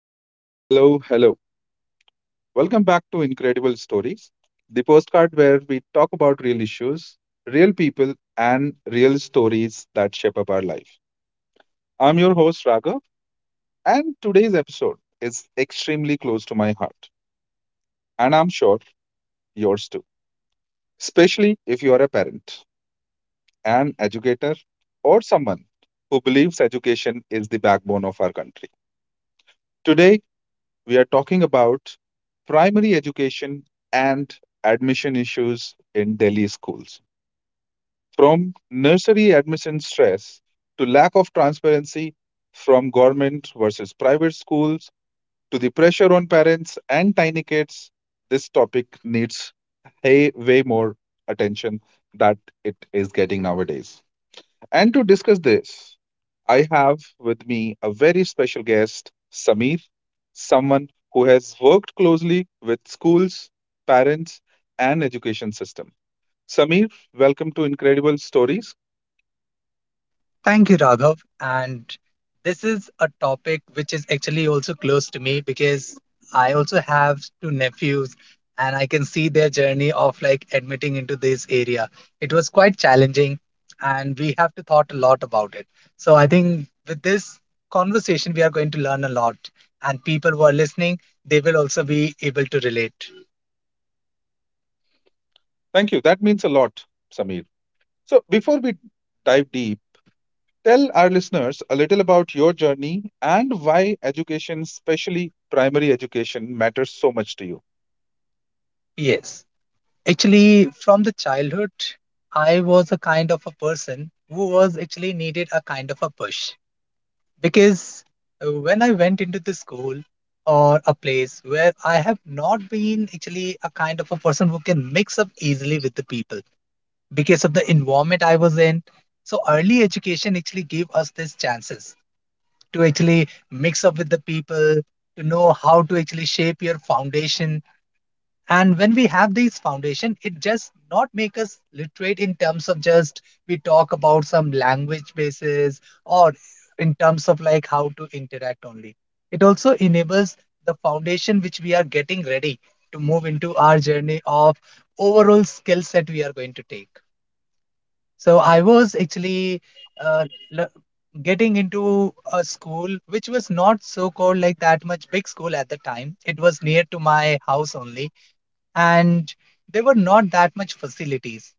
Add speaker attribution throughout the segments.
Speaker 1: Hello, hello, hello. Welcome back to Incredible Stories, the postcard where we talk about real issues, real people, and real stories that shape up our life. I'm your host, Raghav, and today's episode is extremely close to my heart, and I'm sure yours too, especially if you are a parent, an educator, or someone who believes education is the backbone of our country. Today, we are talking about primary education and admission issues in Delhi schools. From nursery admission stress to lack of transparency, from government versus private schools to the pressure on parents and tiny kids, this topic needs way more attention that it is getting nowadays. And to discuss this, I have with me a very special guest, Sameer, someone who has worked closely with schools, parents, and education system. Sameer, welcome to Incredible Stories.
Speaker 2: Thank you, Raghav. And this is a topic which is actually also close to me because I also have two nephews and I can see their journey of like admitting into this area. It was quite challenging and we have to thought a lot about it. So I think with this conversation, we are going to learn a lot and people who are listening, they will also be able to relate.
Speaker 1: Thank you. That means a lot, Sameer. So before we dive deep, tell our listeners a little about your journey and why education, especially primary education, matters so much to you.
Speaker 2: Yes. Actually, from the childhood, I was a kind of a person who was actually needed a kind of a push because when I went into the school or a place where I have not been actually a kind of a person who can mix up easily with the people because of the environment I was in. So early education actually gave us these chances to actually mix up with the people, to know how to actually shape your foundation, and when we have these foundation it just not make us literate in terms of just we talk about some language basis or in terms of like how to interact only. It also enables the foundation which we are getting ready to move into our journey of overall skill set we are going to take. So I was actually uh, l- getting into a school which was not so called like that much big school at the time. It was near to my house only, and there were not that much facilities.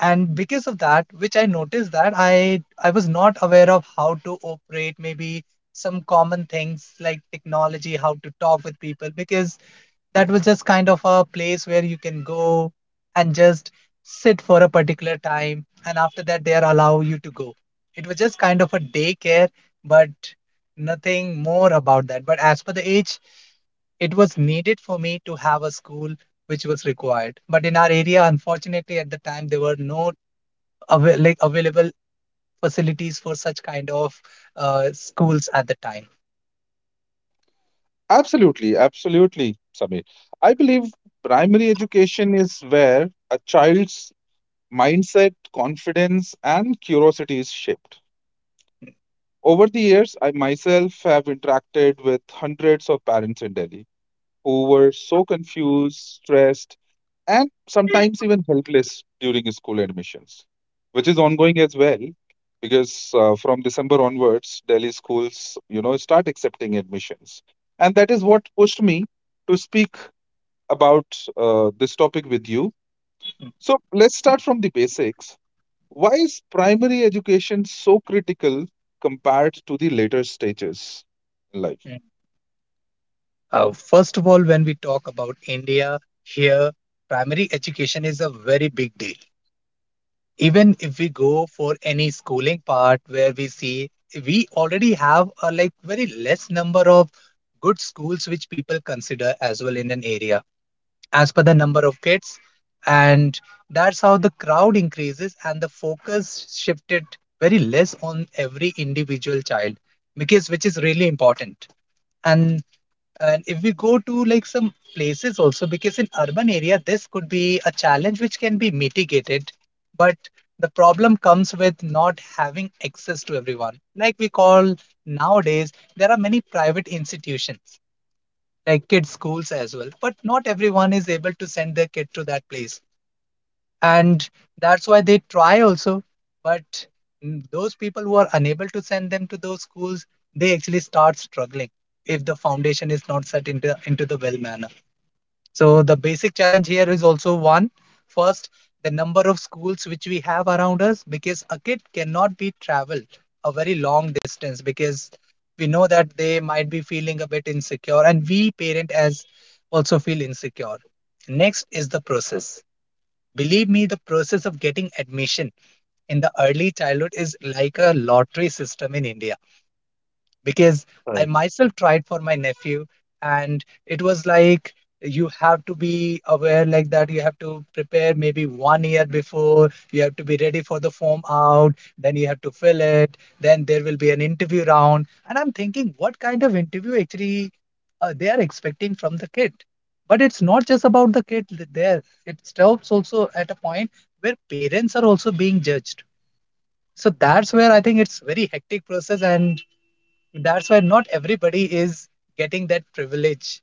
Speaker 2: And because of that, which I noticed that I was not aware of how to operate maybe some common things like technology, how to talk with people, because that was just kind of a place where you can go and just sit for a particular time, and after that they are allow you to go. It was just kind of a daycare, but nothing more about that. But as per the age, it was needed for me to have a school which was required. But in our area, unfortunately, at the time there were no like available facilities for such kind of schools at the time.
Speaker 1: Absolutely, absolutely, Samir. I believe primary education is where a child's mindset, confidence, and curiosity is shaped. Over the years, I myself have interacted with hundreds of parents in Delhi who were so confused, stressed, and sometimes even helpless during school admissions, which is ongoing as well. Because from December onwards, Delhi schools, you know, start accepting admissions, and that is what pushed me to speak about this topic with you. So let's start from the basics. Why is primary education so critical compared to the later stages in life?
Speaker 2: Mm. First of all, when we talk about India, here primary education is a very big deal. Even if we go for any schooling part, where we see we already have a like very less number of good schools which people consider as well in an area as per the number of kids, and that's how the crowd increases and the focus shifted very less on every individual child, because which is really important. And and if we go to like some places also, because in urban area this could be a challenge which can be mitigated, but the problem comes with not having access to everyone. Like we call, nowadays there are many private institutions like kids schools as well, but not everyone is able to send their kid to that place, and that's why they try also. But those people who are unable to send them to those schools, they actually start struggling if the foundation is not set into the well manner. So the basic challenge here is also one. First, the number of schools which we have around us, because a kid cannot be traveled a very long distance, because we know that they might be feeling a bit insecure and we parent as also feel insecure. Next is the process. Believe me, the process of getting admission in the early childhood is like a lottery system in India, because
Speaker 1: Right.
Speaker 2: I myself tried for my nephew, and it was like, you have to be aware like that you have to prepare maybe 1 year before, you have to be ready for the form out, then you have to fill it, then there will be an interview round, and I'm thinking, what kind of interview actually they are expecting from the kid? But it's not just about the kid there. It stops also at a point where parents are also being judged. So that's where I think it's very hectic process, and that's why not everybody is getting that privilege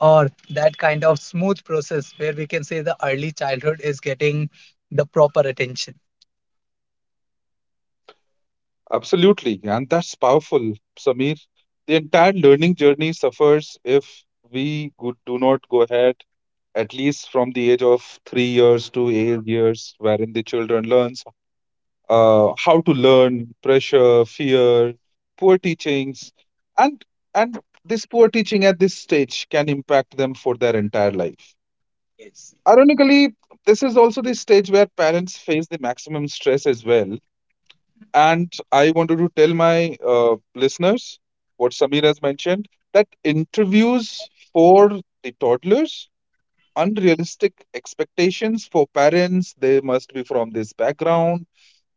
Speaker 2: or that kind of smooth process where we can say the early childhood is getting the proper attention.
Speaker 1: Absolutely, and that's powerful, Samir. The entire learning journey suffers if we do not go ahead at least from the age of 3 years to 8 years, wherein the children learns how to learn, pressure, fear, poor teachings, and this poor teaching at this stage can impact them for their entire life.
Speaker 2: Yes.
Speaker 1: Ironically, this is also the stage where parents face the maximum stress as well. And I wanted to tell my listeners what Samir has mentioned, that interviews for the toddlers, unrealistic expectations for parents, they must be from this background,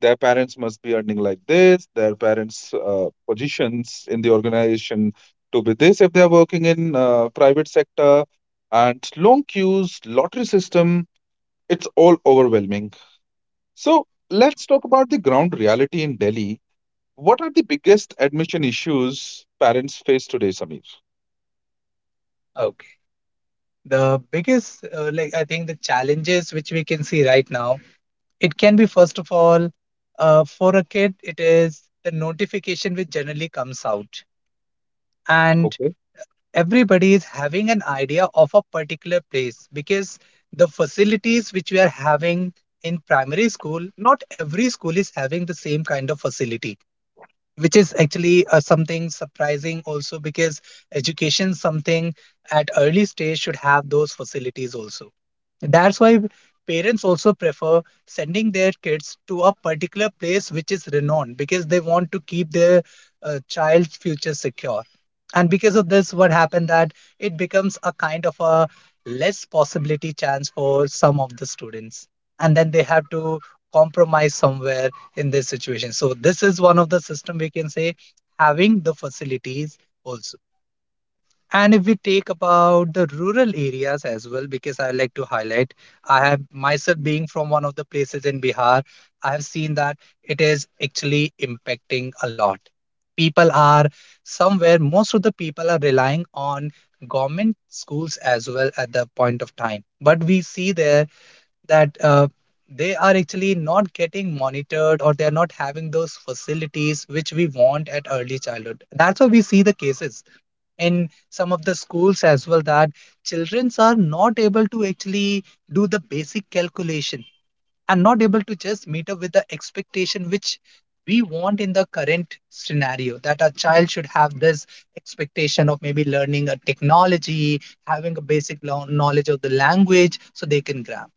Speaker 1: their parents must be earning like this, their parents' positions in the organization to be this if they are working in private sector, and long queues, lottery system, it's all overwhelming. So let's talk about the ground reality in Delhi. What are the biggest admission issues parents face today, Samir?
Speaker 2: Okay. The biggest, like, I think the challenges which we can see right now, it can be first of all, for a kid, it is the notification which generally comes out. And
Speaker 1: Okay.
Speaker 2: everybody is having an idea of a particular place, because the facilities which we are having in primary school, not every school is having the same kind of facility, which is actually something surprising also, because education something at early stage should have those facilities also. That's why parents also prefer sending their kids to a particular place which is renowned, because they want to keep their child's future secure. And because of this what happened that it becomes a kind of a less possibility chance for some of the students, and then they have to compromise somewhere in this situation. So this is one of the system we can say, having the facilities also. And if we take about the rural areas as well, because I like to highlight, I have myself being from one of the places in Bihar, I have seen that it is actually impacting a lot. People are, somewhere most of the people are relying on government schools as well at the point of time, but we see there that they are actually not getting monitored, or they are not having those facilities which we want at early childhood. That's why we see the cases in some of the schools as well, that children are not able to actually do the basic calculation and not able to just meet up with the expectation which we want in the current scenario, that a child should have this expectation of maybe learning a technology, having a basic knowledge of the language so they can grasp.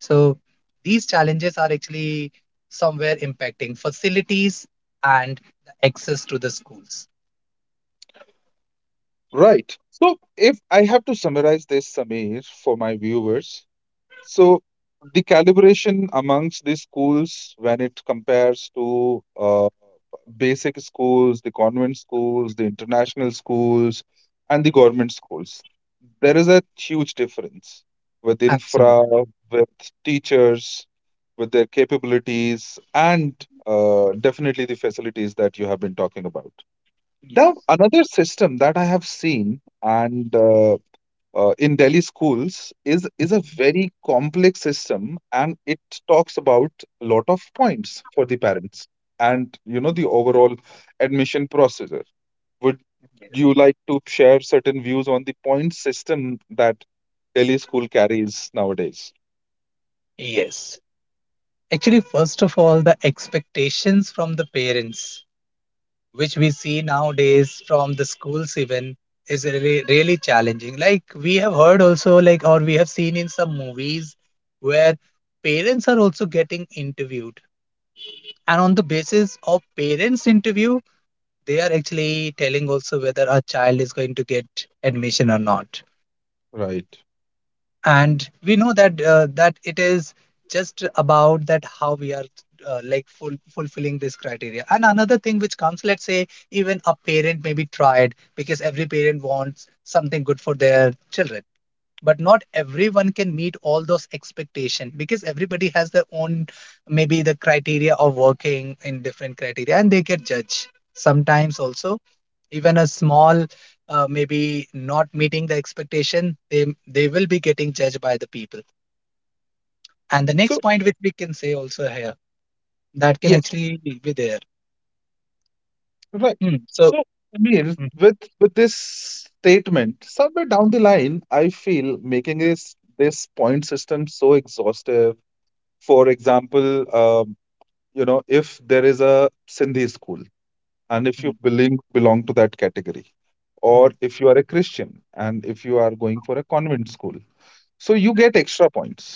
Speaker 2: So these challenges are actually somewhere impacting facilities and the access to the schools.
Speaker 1: Right. So if I have to summarize this, Samir, for my viewers. So the calibration amongst the schools, when it compares to basic schools, the convent schools, the international schools, and the
Speaker 2: Mm.
Speaker 1: government schools, there is a huge difference with infra,
Speaker 2: Absolutely.
Speaker 1: with teachers, with their capabilities, and definitely the facilities that you have been talking about.
Speaker 2: Yes.
Speaker 1: Now, another system that I have seen, and in Delhi schools, is a
Speaker 2: Mhm.
Speaker 1: very complex system, and it talks about a lot of points for the parents, and you know,
Speaker 2: Mm,
Speaker 1: the overall admission procedure. Would
Speaker 2: yes.
Speaker 1: you like to share certain views on the point system that Delhi school carries nowadays?
Speaker 2: Yes. Actually, first of all, the expectations from the parents, which we see nowadays from the schools even, is really really challenging. Like we have heard also, like, or we have seen in some movies where parents are also getting interviewed. And on the basis of parents' interview, they are actually telling also whether a child is going to get admission or not.
Speaker 1: Right.
Speaker 2: And we know that that it is just about that how we are like fulfilling this criteria. And another thing which comes, let's say even a parent may be tried, because every parent wants something good for their children, but not everyone can meet all those expectations, because everybody has their own, maybe the criteria of working in different criteria, and they get judged sometimes also. Even a small maybe not meeting the expectation, they will be getting judged by the people. And the
Speaker 1: So
Speaker 2: next point which we can say also here that can
Speaker 1: yes,
Speaker 2: actually be there.
Speaker 1: right.
Speaker 2: Hmm. So
Speaker 1: So I mean,
Speaker 2: mm,
Speaker 1: with this statement, somewhere down the line, I feel making this point system so exhaustive. For example, you know, if there is a Sindhi school and if you
Speaker 2: mm,
Speaker 1: belong to that category, or
Speaker 2: mm,
Speaker 1: if you are a Christian and if you are going for a convent school, so you get extra points.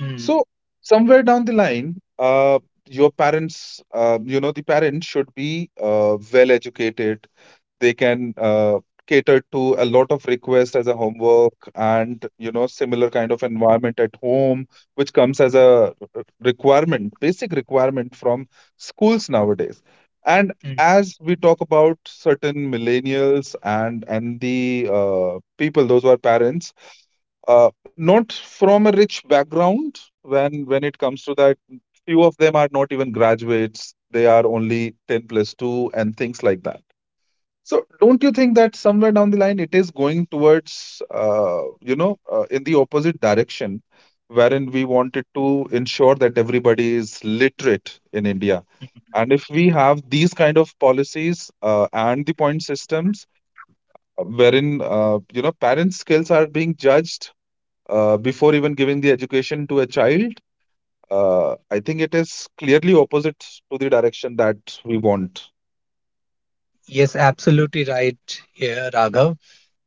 Speaker 2: mm,
Speaker 1: So somewhere down the line, your parents, you know, the parents should be well educated, they can cater to a lot of requests as a homework, and you know, similar kind of environment at home, which comes as
Speaker 2: mm,
Speaker 1: a requirement, basic requirement from schools nowadays. And
Speaker 2: mm.
Speaker 1: as we talk about certain millennials and the people, those who are parents, not from a rich background, when it comes to that, few of them are not even graduates, they are only 10 plus 2 and things like that. So don't you think that somewhere down the line it is going towards, you know, in the opposite direction, wherein we wanted to ensure that everybody is literate in India? And if we have these kind of policies and the point systems, wherein you know, parents' skills are being judged before even giving the education to a child, I think it is clearly opposite to the direction that we want.
Speaker 2: Yes, absolutely right here, Raghav,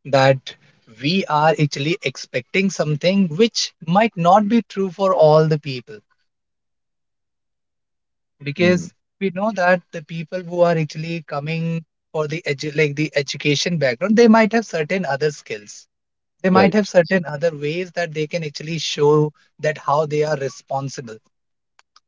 Speaker 2: that we are actually expecting something which might not be true for all the people, because
Speaker 1: Mm,
Speaker 2: we know that the people who are actually coming for the like the education background, they might have certain other skills, they might have
Speaker 1: right,
Speaker 2: certain other ways that they can actually show, that how they are responsible.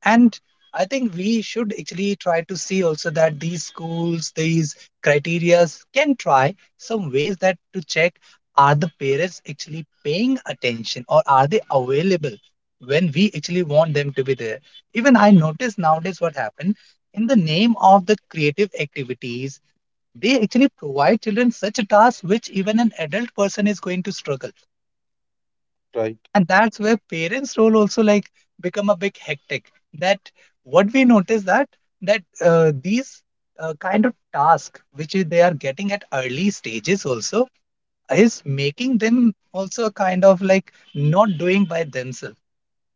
Speaker 2: And I think we should actually try to see also that these schools, these criterias can try some ways that to check, are the parents actually paying attention, or are they available when we actually want them to be there. Even I notice nowadays what happened, in the name of the creative activities, they actually provide children such a task which even an adult person is going to struggle.
Speaker 1: right.
Speaker 2: And that's where parents role also like become a big hectic. That what we notice, that that these kind of task which they are getting at early stages also is making them also kind of like not doing by themselves.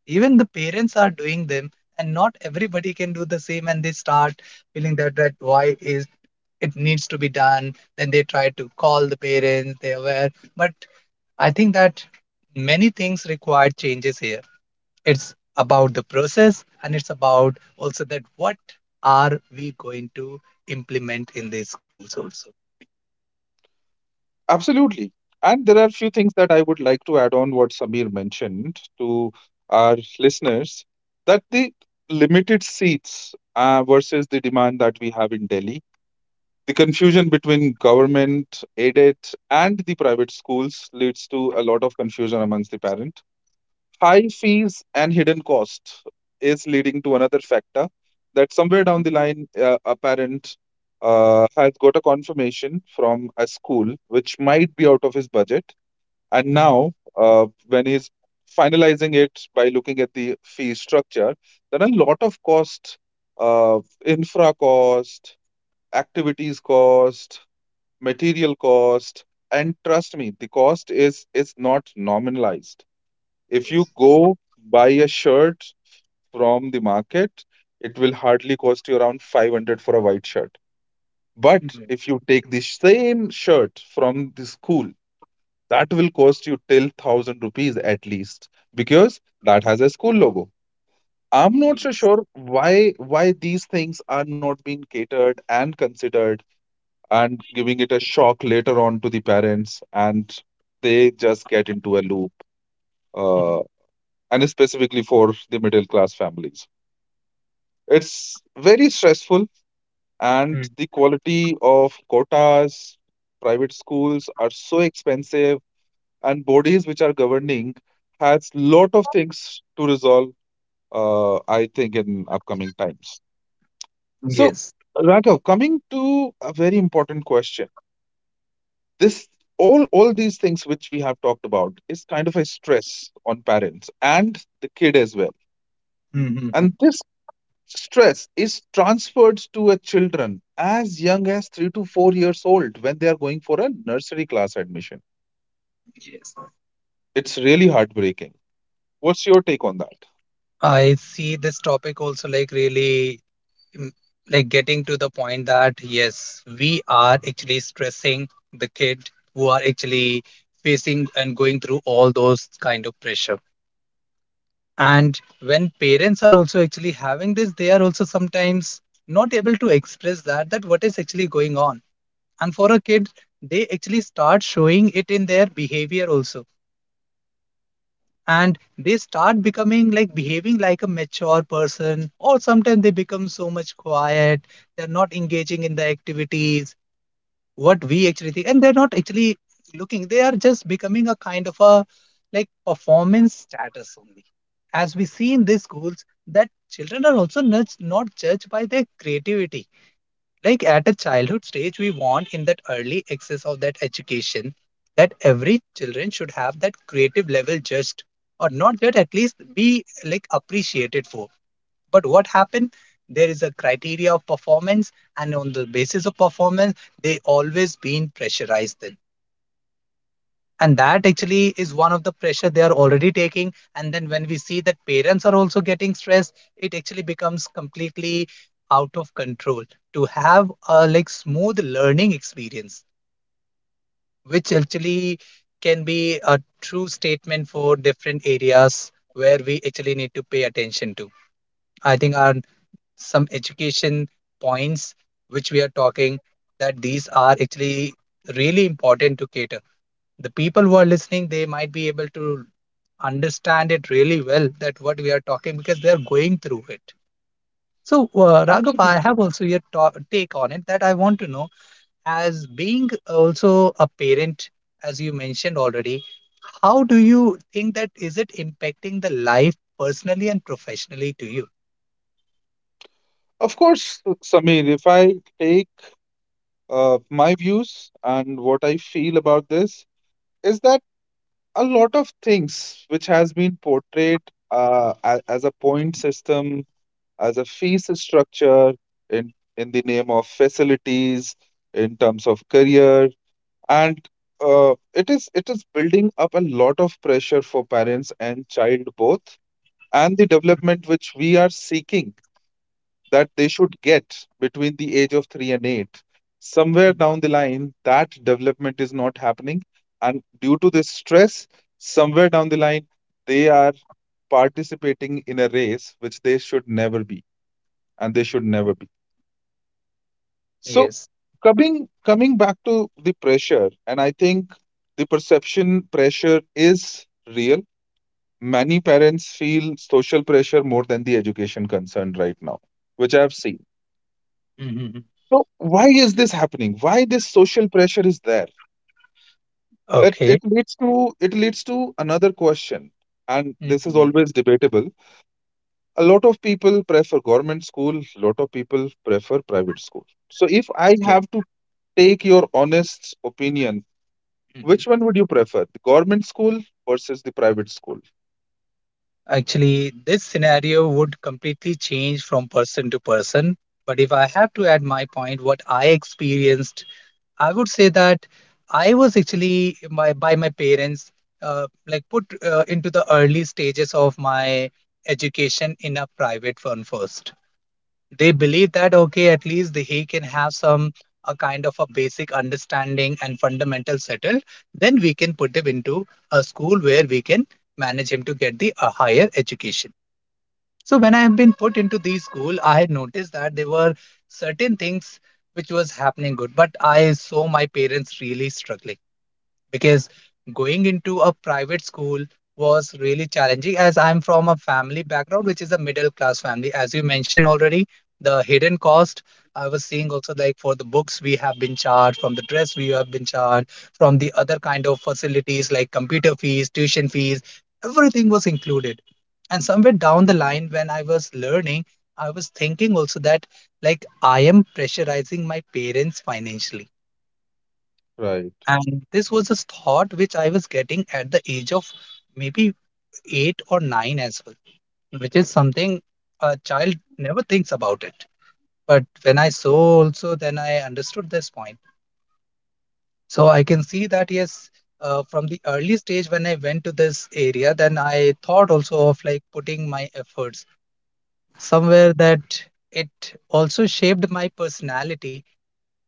Speaker 2: Even the parents are doing them, and not everybody can do the same, and they start feeling that that why is it needs to be done. Then they try to call the parents, they are aware. But I think that many things require changes here. It's about the process, and it's about also that what are we going to implement in the schools also.
Speaker 1: Absolutely. And there are a few things that I would like to add on what Samir mentioned to our listeners, that the limited seats versus the demand that we have in Delhi, the confusion between government, aided, and the private schools leads to a lot of confusion amongst the parents. High fees and hidden cost is leading to another factor, that somewhere down the line, a parent has got a confirmation from a school which might be out of his budget. And
Speaker 2: Mm.
Speaker 1: now, when he's finalizing it by looking at the fee structure, then a lot of cost, uh, infra cost, activities cost, material cost, and trust me, the cost is not nominalized. If you
Speaker 2: Yes.
Speaker 1: go buy a shirt from the market, it will hardly cost you around 500 for a white shirt. But
Speaker 2: Mhm.
Speaker 1: if you take the same shirt from the school, that will cost you till 1,000 rupees at least, because that has a school logo. I'm not so
Speaker 2: Yes.
Speaker 1: sure why these things are not being catered and considered, and giving it a shock later on to the parents, and they just get into a loop, uh,
Speaker 2: Mhm.
Speaker 1: and specifically for the middle class families. It's very stressful, and
Speaker 2: Mm.
Speaker 1: the quality of quotas, private schools are so expensive, and bodies which are governing has lot of things to resolve. I think in upcoming times. So,
Speaker 2: Yes.
Speaker 1: Raghav, coming to a very important question. This, all these things which we have talked about is kind of a stress on parents and the kid as well.
Speaker 2: Mhm.
Speaker 1: And this stress is transferred to a children as young as 3 to 4 years old when they are going for a nursery class admission.
Speaker 2: Yes.
Speaker 1: It's really heartbreaking. What's your take on that?
Speaker 2: I see this topic also, like, really mm, like getting to the point that yes, we are actually stressing the kid who are actually facing and going through all those kind of pressure. And when parents are also actually having this, they are also sometimes not able to express that what is actually going on. And for a kid, they actually start showing it in their behavior also, and they start becoming like behaving like a mature person, or sometimes they become so much quiet. They're not engaging in the activities what we actually think, and they're not actually looking. They are just becoming a kind of a, like, performance status only. As we see in these schools that children are also not judged by their creativity. Like at a childhood stage, we want in that early access of that education that every children should have that creative level judged, or not judged, at least be like appreciated for. But what happened? There is a criteria of performance, and on the basis of performance, they always been pressurized then. And that actually is one of the pressure they are already taking. And then when we see that parents are also getting stressed, it actually becomes completely out of control to have a like smooth learning experience, which actually can be a true statement for different areas where we actually need to pay attention to. I think our some education points which we are talking, that these are actually really important to cater. The people who are listening, they might be able to understand it really well that what we are talking, because they are going through it. So Raghav, I
Speaker 1: Absolutely.
Speaker 2: have also your take on it that I want to know, as being also a parent, as you mentioned already, how do you think that is it impacting the life personally and professionally to you?
Speaker 1: Of course, Samir. If I take uh, my views and what I feel about this, is that a lot of things which has been portrayed as a point system, as a fees structure, in the name of facilities, in terms of career, and it is building up a lot of pressure for parents and child both. And the development which we are seeking, that they should get between the age of 3 and 8, somewhere down the line that development is not happening. And due to this stress, somewhere down the line, they are participating in a race which they should never be, and they should never be. So
Speaker 2: Yes.
Speaker 1: coming back to the pressure, and I think the perception pressure is real. Many parents feel social pressure more than the education concern right now, which I've seen.
Speaker 2: Hmm.
Speaker 1: So why is this happening? Why this social pressure is there? It
Speaker 2: Okay.
Speaker 1: it leads to another question, and this is always debatable. A lot of people prefer government school, lot of people prefer private school. So if I
Speaker 2: Yeah.
Speaker 1: have to take your honest opinion,
Speaker 2: Hmm.
Speaker 1: which one would you prefer, the government school versus the private school?
Speaker 2: Actually, this scenario would completely change from person to person. But if I have to add my point, what I experienced, I would say that I was actually my by my parents like put into the early stages of my education in a private firm first. They believe that okay, at least the, he can have some a kind of a basic understanding and fundamental settled, then we can put him into a school where we can manage him to get the a higher education. So when I have been put into these school, I had noticed that there were certain things which was happening good, but I saw my parents really struggling, because going into a private school was really challenging, as I'm from a family background, which is a middle class family. As you mentioned already, the hidden cost, I was seeing also like for the books we have been charged, from the dress we have been charged, from the other kind of facilities like computer fees, tuition fees, everything was included. And somewhere down the line, when I was learning, I was thinking also that like I am pressurizing my parents financially.
Speaker 1: Right.
Speaker 2: And this was a thought which I was getting at the age of maybe eight or nine as well, which is something a child never thinks about it. But when I saw also, then I understood this point. So I can see that, yes, from the early stage when I went to this area, then I thought also of like putting my efforts somewhere that it also shaped my personality.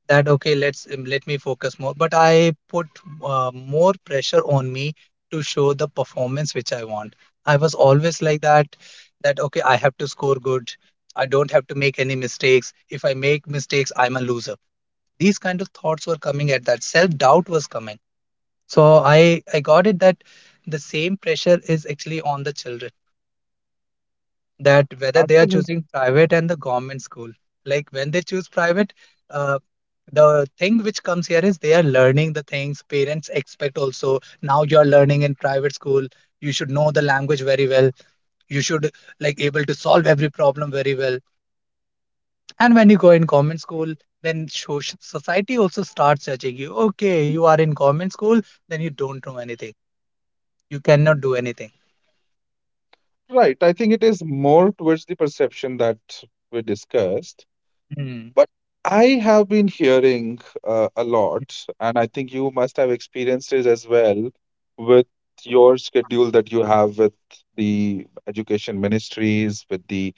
Speaker 2: That okay, let me focus more, but I put more pressure on me to show the performance which I want. I was always like that, that okay, I have to score good, I don't have to make any mistakes. If I make mistakes, I'm a loser. These kind of thoughts were coming at that, self doubt was coming. So i I got it that the same pressure is actually on the children, that whether they are
Speaker 1: Absolutely.
Speaker 2: choosing private and the government school. Like when they choose private, uh, the thing which comes here is they are learning the things parents expect. Also now you are learning in private school, you should know the language very well, you should like able to solve every problem very well. And when you go in government school, then society also starts judging you, okay you are in government school, then you don't know anything, you cannot do anything.
Speaker 1: Right. I think it is more towards the perception that we discussed.
Speaker 2: Mm-hmm.
Speaker 1: But I have been hearing a lot, and I think you must have experiences as well with your schedule that you have with the education ministries, with the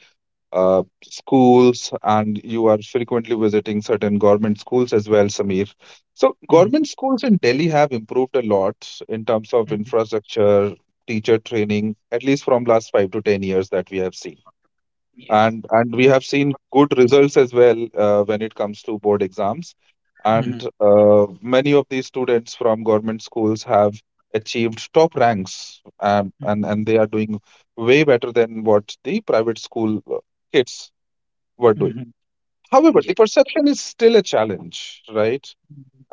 Speaker 1: schools, and you are frequently visiting certain government schools as well, Samir. So,
Speaker 2: Mm-hmm.
Speaker 1: government schools in Delhi have improved a lot in terms of infrastructure, teacher training, at least from last 5 to 10 years that we have seen.
Speaker 2: Yes.
Speaker 1: And we have seen good results as well when it comes to board exams.
Speaker 2: Mm-hmm.
Speaker 1: And many of these students from government schools have achieved top ranks, and they are doing way better than what the private school kids were doing. However,
Speaker 2: Mm-hmm.
Speaker 1: the perception is still a challenge, right?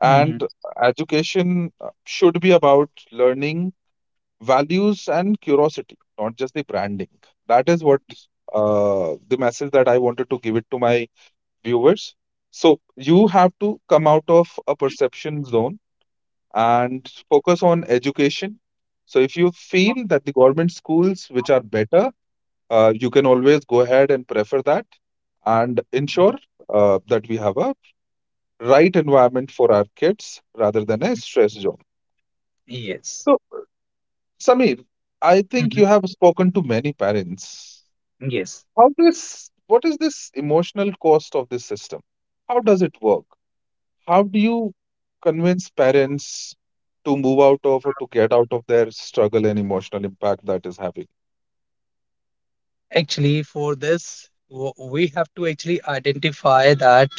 Speaker 2: Mhm,
Speaker 1: education should be about learning values and curiosity, not just the branding. That is what the message that I wanted to give it to my viewers. So you have to come out of a perception zone and focus on education. So if you feel that the government schools, which are better, you can always go ahead and prefer that and
Speaker 2: mhm,
Speaker 1: ensure that we have a right environment for our kids rather than a
Speaker 2: mhm.
Speaker 1: stress zone.
Speaker 2: Yes.
Speaker 1: So, Samir, I think
Speaker 2: Mhm.
Speaker 1: you have spoken to many parents.
Speaker 2: Yes.
Speaker 1: How this, what is this emotional cost of this system? How does it work? How do you convince parents to move out of or to get out of their struggle and emotional impact that is having?
Speaker 2: Actually, for this, we have to actually identify that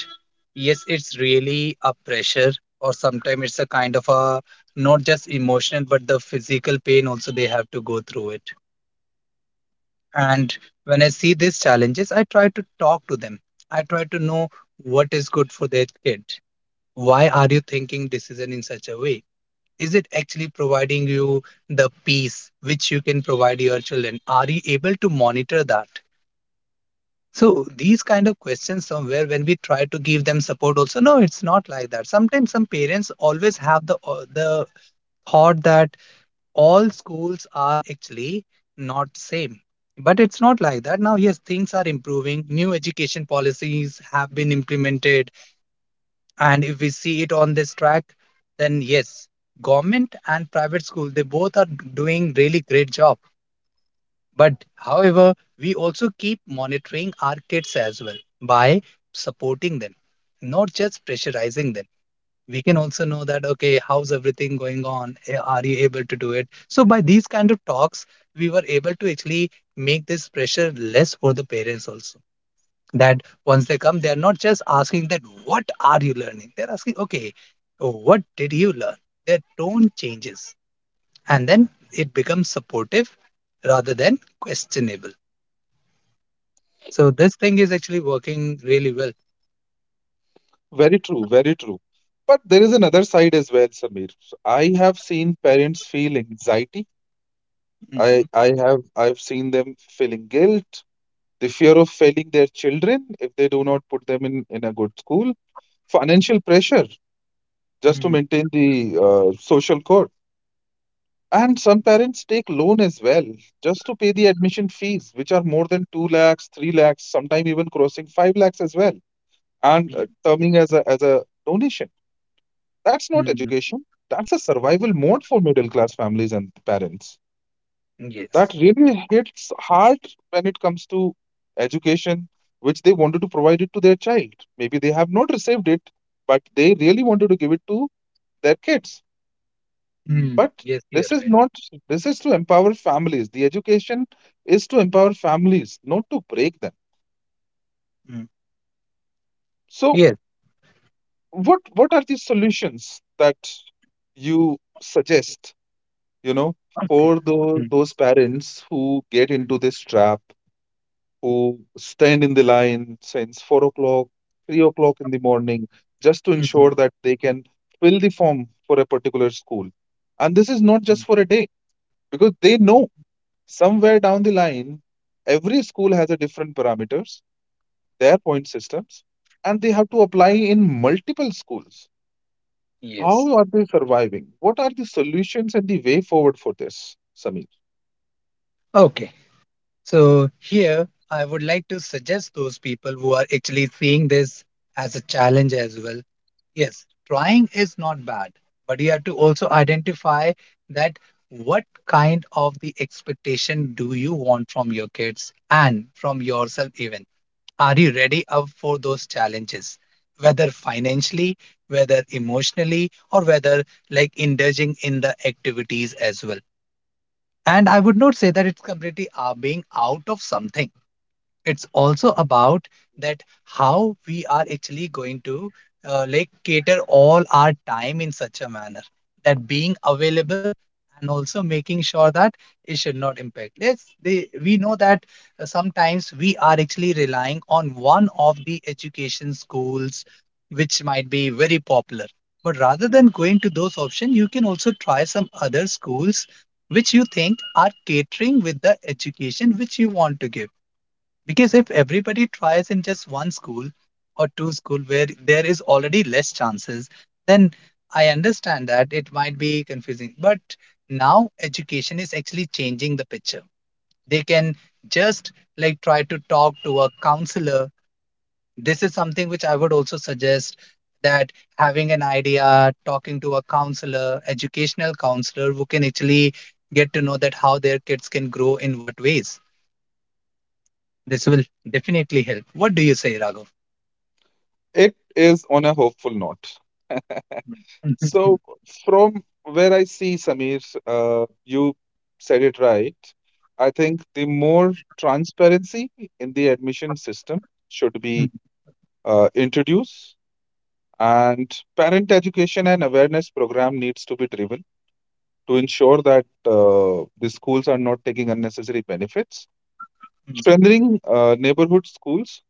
Speaker 2: yes, it's really a pressure, or sometimes it's a kind of a not just emotional, but the physical pain also they have to go through it. And when I see these challenges, I try to talk to them. I try to know what is good for their kid. Why are you thinking decision in such a way? Is it actually providing you the peace which you can provide your children? Are you able to monitor that? So these kind of questions somewhere when we try to give them support also. No, it's not like that. Sometimes some parents always have the thought that all schools are actually not same. But it's not like that now. Yes, things are improving, new education policies have been implemented. And if we see it on this track, then yes, government and private school, they both are doing really great job. But however, we also keep monitoring our kids as well, by supporting them, not just pressurizing them. We can also know that, okay, how's everything going on? Eh, are you able to do it? So by these kind of talks, we were able to actually make this pressure less for the parents also. That once they come, they're not just asking that, what are you learning? They're asking, okay, what did you learn? Their tone changes and then it becomes supportive rather than questionable. So this thing is actually working really well.
Speaker 1: Very true, very true. But there is another side as well, Samir. So I have seen parents feel anxiety. I,
Speaker 2: Mhm.
Speaker 1: I have I've seen them feeling guilt, the fear of failing their children if they do not put them in a good school, financial pressure just to
Speaker 2: Mm,
Speaker 1: maintain the social code. And some parents take loan as well just to pay the admission fees, which are more than 2 lakhs, 3 lakhs, sometimes even crossing 5 lakhs as well, and
Speaker 2: ye-
Speaker 1: terming as a donation. That's not
Speaker 2: mm,
Speaker 1: education. That's a survival mode for middle class families and parents. That
Speaker 2: yes.
Speaker 1: really hits hard when it comes to education, which they wanted to provide it to their child. Maybe they have not received it, but they really wanted to give it to their kids.
Speaker 2: Mm,
Speaker 1: But
Speaker 2: yes, you're
Speaker 1: this is
Speaker 2: right.
Speaker 1: not, this is to empower families. The education is to empower families, not to break them.
Speaker 2: Mm,
Speaker 1: So,
Speaker 2: yes.
Speaker 1: what are the solutions that you suggest? You know,
Speaker 2: Okay.
Speaker 1: for those
Speaker 2: Mm,
Speaker 1: those parents who get into this trap, who stand in the line since 4 o'clock, 3 o'clock in the morning, just to
Speaker 2: mhm,
Speaker 1: ensure that they can fill the form for a particular school. And this is not
Speaker 2: mhm,
Speaker 1: just for a day, because they know
Speaker 2: mhm.
Speaker 1: somewhere down the line, every school has a different parameters, their point systems, and they have to apply in multiple schools.
Speaker 2: Yes.
Speaker 1: How are they surviving? What are the solutions and the way forward for this, Sami?
Speaker 2: Okay. So, here I would like to suggest those people who are actually seeing this as a challenge as well. Yes, trying is not bad, but you have to also identify that what kind of the expectation do you want from your kids and from yourself even. Are you ready up for those challenges, whether financially, whether emotionally, or whether like indulging in the activities as well. And I would not say that it's completely being out of something. It's also about that how we are actually going to like cater all our time in such a manner that being available, and also making sure that it should not impact. Let's they, we know that sometimes we are actually relying on one of the education schools which might be very popular. But rather than going to those options, you can also try some other schools which you think are catering with the education which you want to give. Because if everybody tries in just one school or two school where there is already less chances, then I understand that it might be confusing. But now education is actually changing the picture. They can just like try to talk to a counselor. This is something which I would also suggest, that having an idea, talking to a counselor, educational counselor who can actually get to know that how their kids can grow in what ways. This will definitely help. What do you say, Raghav?
Speaker 1: It is on a hopeful note. So, from where I see, Samir, you said it right. I think the more transparency in the admission system should be introduced, and parent education and awareness program needs to be driven to ensure that the schools are not taking unnecessary benefits. Strengthening neighborhood schools,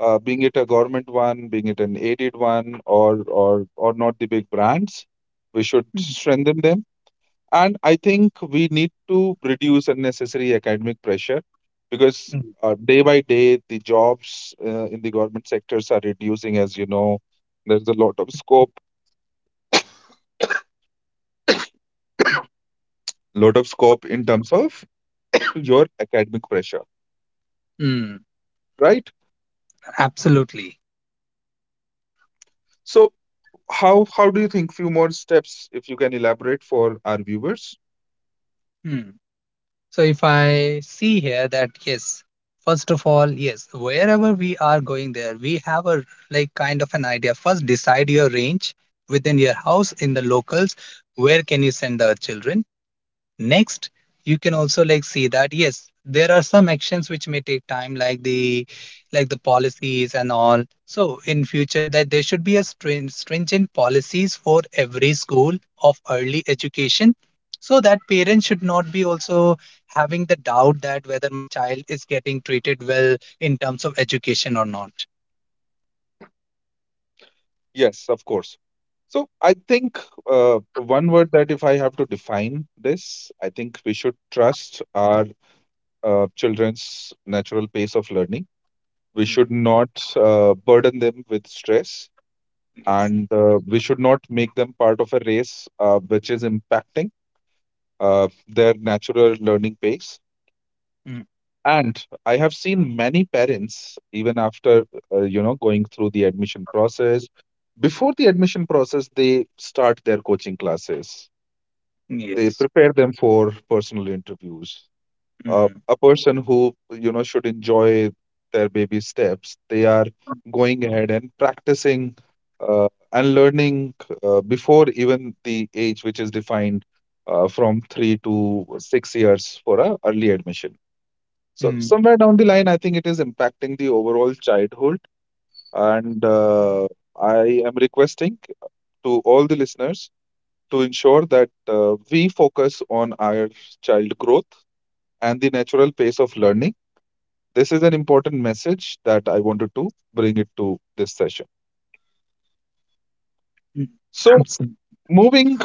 Speaker 1: being it a government one, being it an aided one, or not the big brands, we should strengthen them. And I think we need to reduce unnecessary academic pressure because day by day the jobs in the government sectors are reducing. As you know, there's a lot of scope in terms of your academic pressure,
Speaker 2: Mm,
Speaker 1: right?
Speaker 2: absolutely.
Speaker 1: So how do you think? Few more steps, if you can elaborate for our viewers.
Speaker 2: Mm. So if I see here that yes, first of all, yes, wherever we are going there, we have a like kind of an idea. First, decide your range within your house in the locals. Where can you send the children? Next, you can also like see that yes, there are some actions which may take time, like the policies and all. So in future, that there should be a stringent policies for every school of early education, so that parents should not be also having the doubt that whether my child is getting treated well in terms of education or not.
Speaker 1: Yes, of course. So I think one word that if I have to define this, I think we should trust our children's natural pace of learning. We should
Speaker 2: Mm.
Speaker 1: not burden them with stress,
Speaker 2: Yes.
Speaker 1: and we should not make them part of a race which is impacting their natural learning pace.
Speaker 2: Mm.
Speaker 1: And I have seen many parents, even after going through the admission process, before the admission process, they start their coaching classes. They
Speaker 2: Yes.
Speaker 1: prepare them for personal interviews.
Speaker 2: Mm.
Speaker 1: A person who, you know, should enjoy their baby steps, they are going ahead and practicing uh, and learning before even the age which is defined, from 3 to 6 years for a early admission, so
Speaker 2: Mm.
Speaker 1: somewhere down the line, I think it is impacting the overall childhood. And I am requesting to all the listeners to ensure that we focus on our child growth and the natural pace of learning. This is an important message that I wanted to bring it to this session.
Speaker 2: Mm.
Speaker 1: So
Speaker 2: Absolutely.
Speaker 1: moving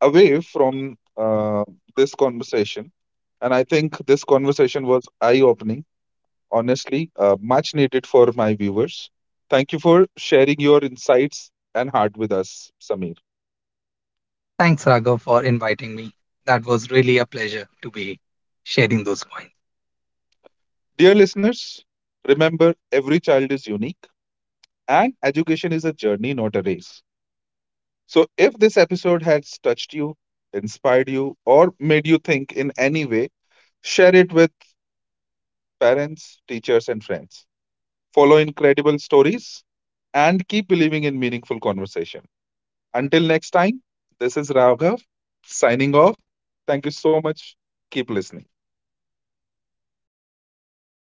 Speaker 1: away from this conversation, and I think this conversation was eye-opening honestly, much needed for my viewers. Thank you for sharing your insights and heart with us, Samir.
Speaker 2: Thanks, Raghav, for inviting me. That was really a pleasure to be sharing those points.
Speaker 1: Dear listeners, remember every child is unique and education is a journey, not a race. So, if this episode has touched you, inspired you, or made you think in any way, share it with parents, teachers, and friends. Follow incredible stories and keep believing in meaningful conversation. Until next time, this is Raghav signing off. Thank you so much. Keep listening.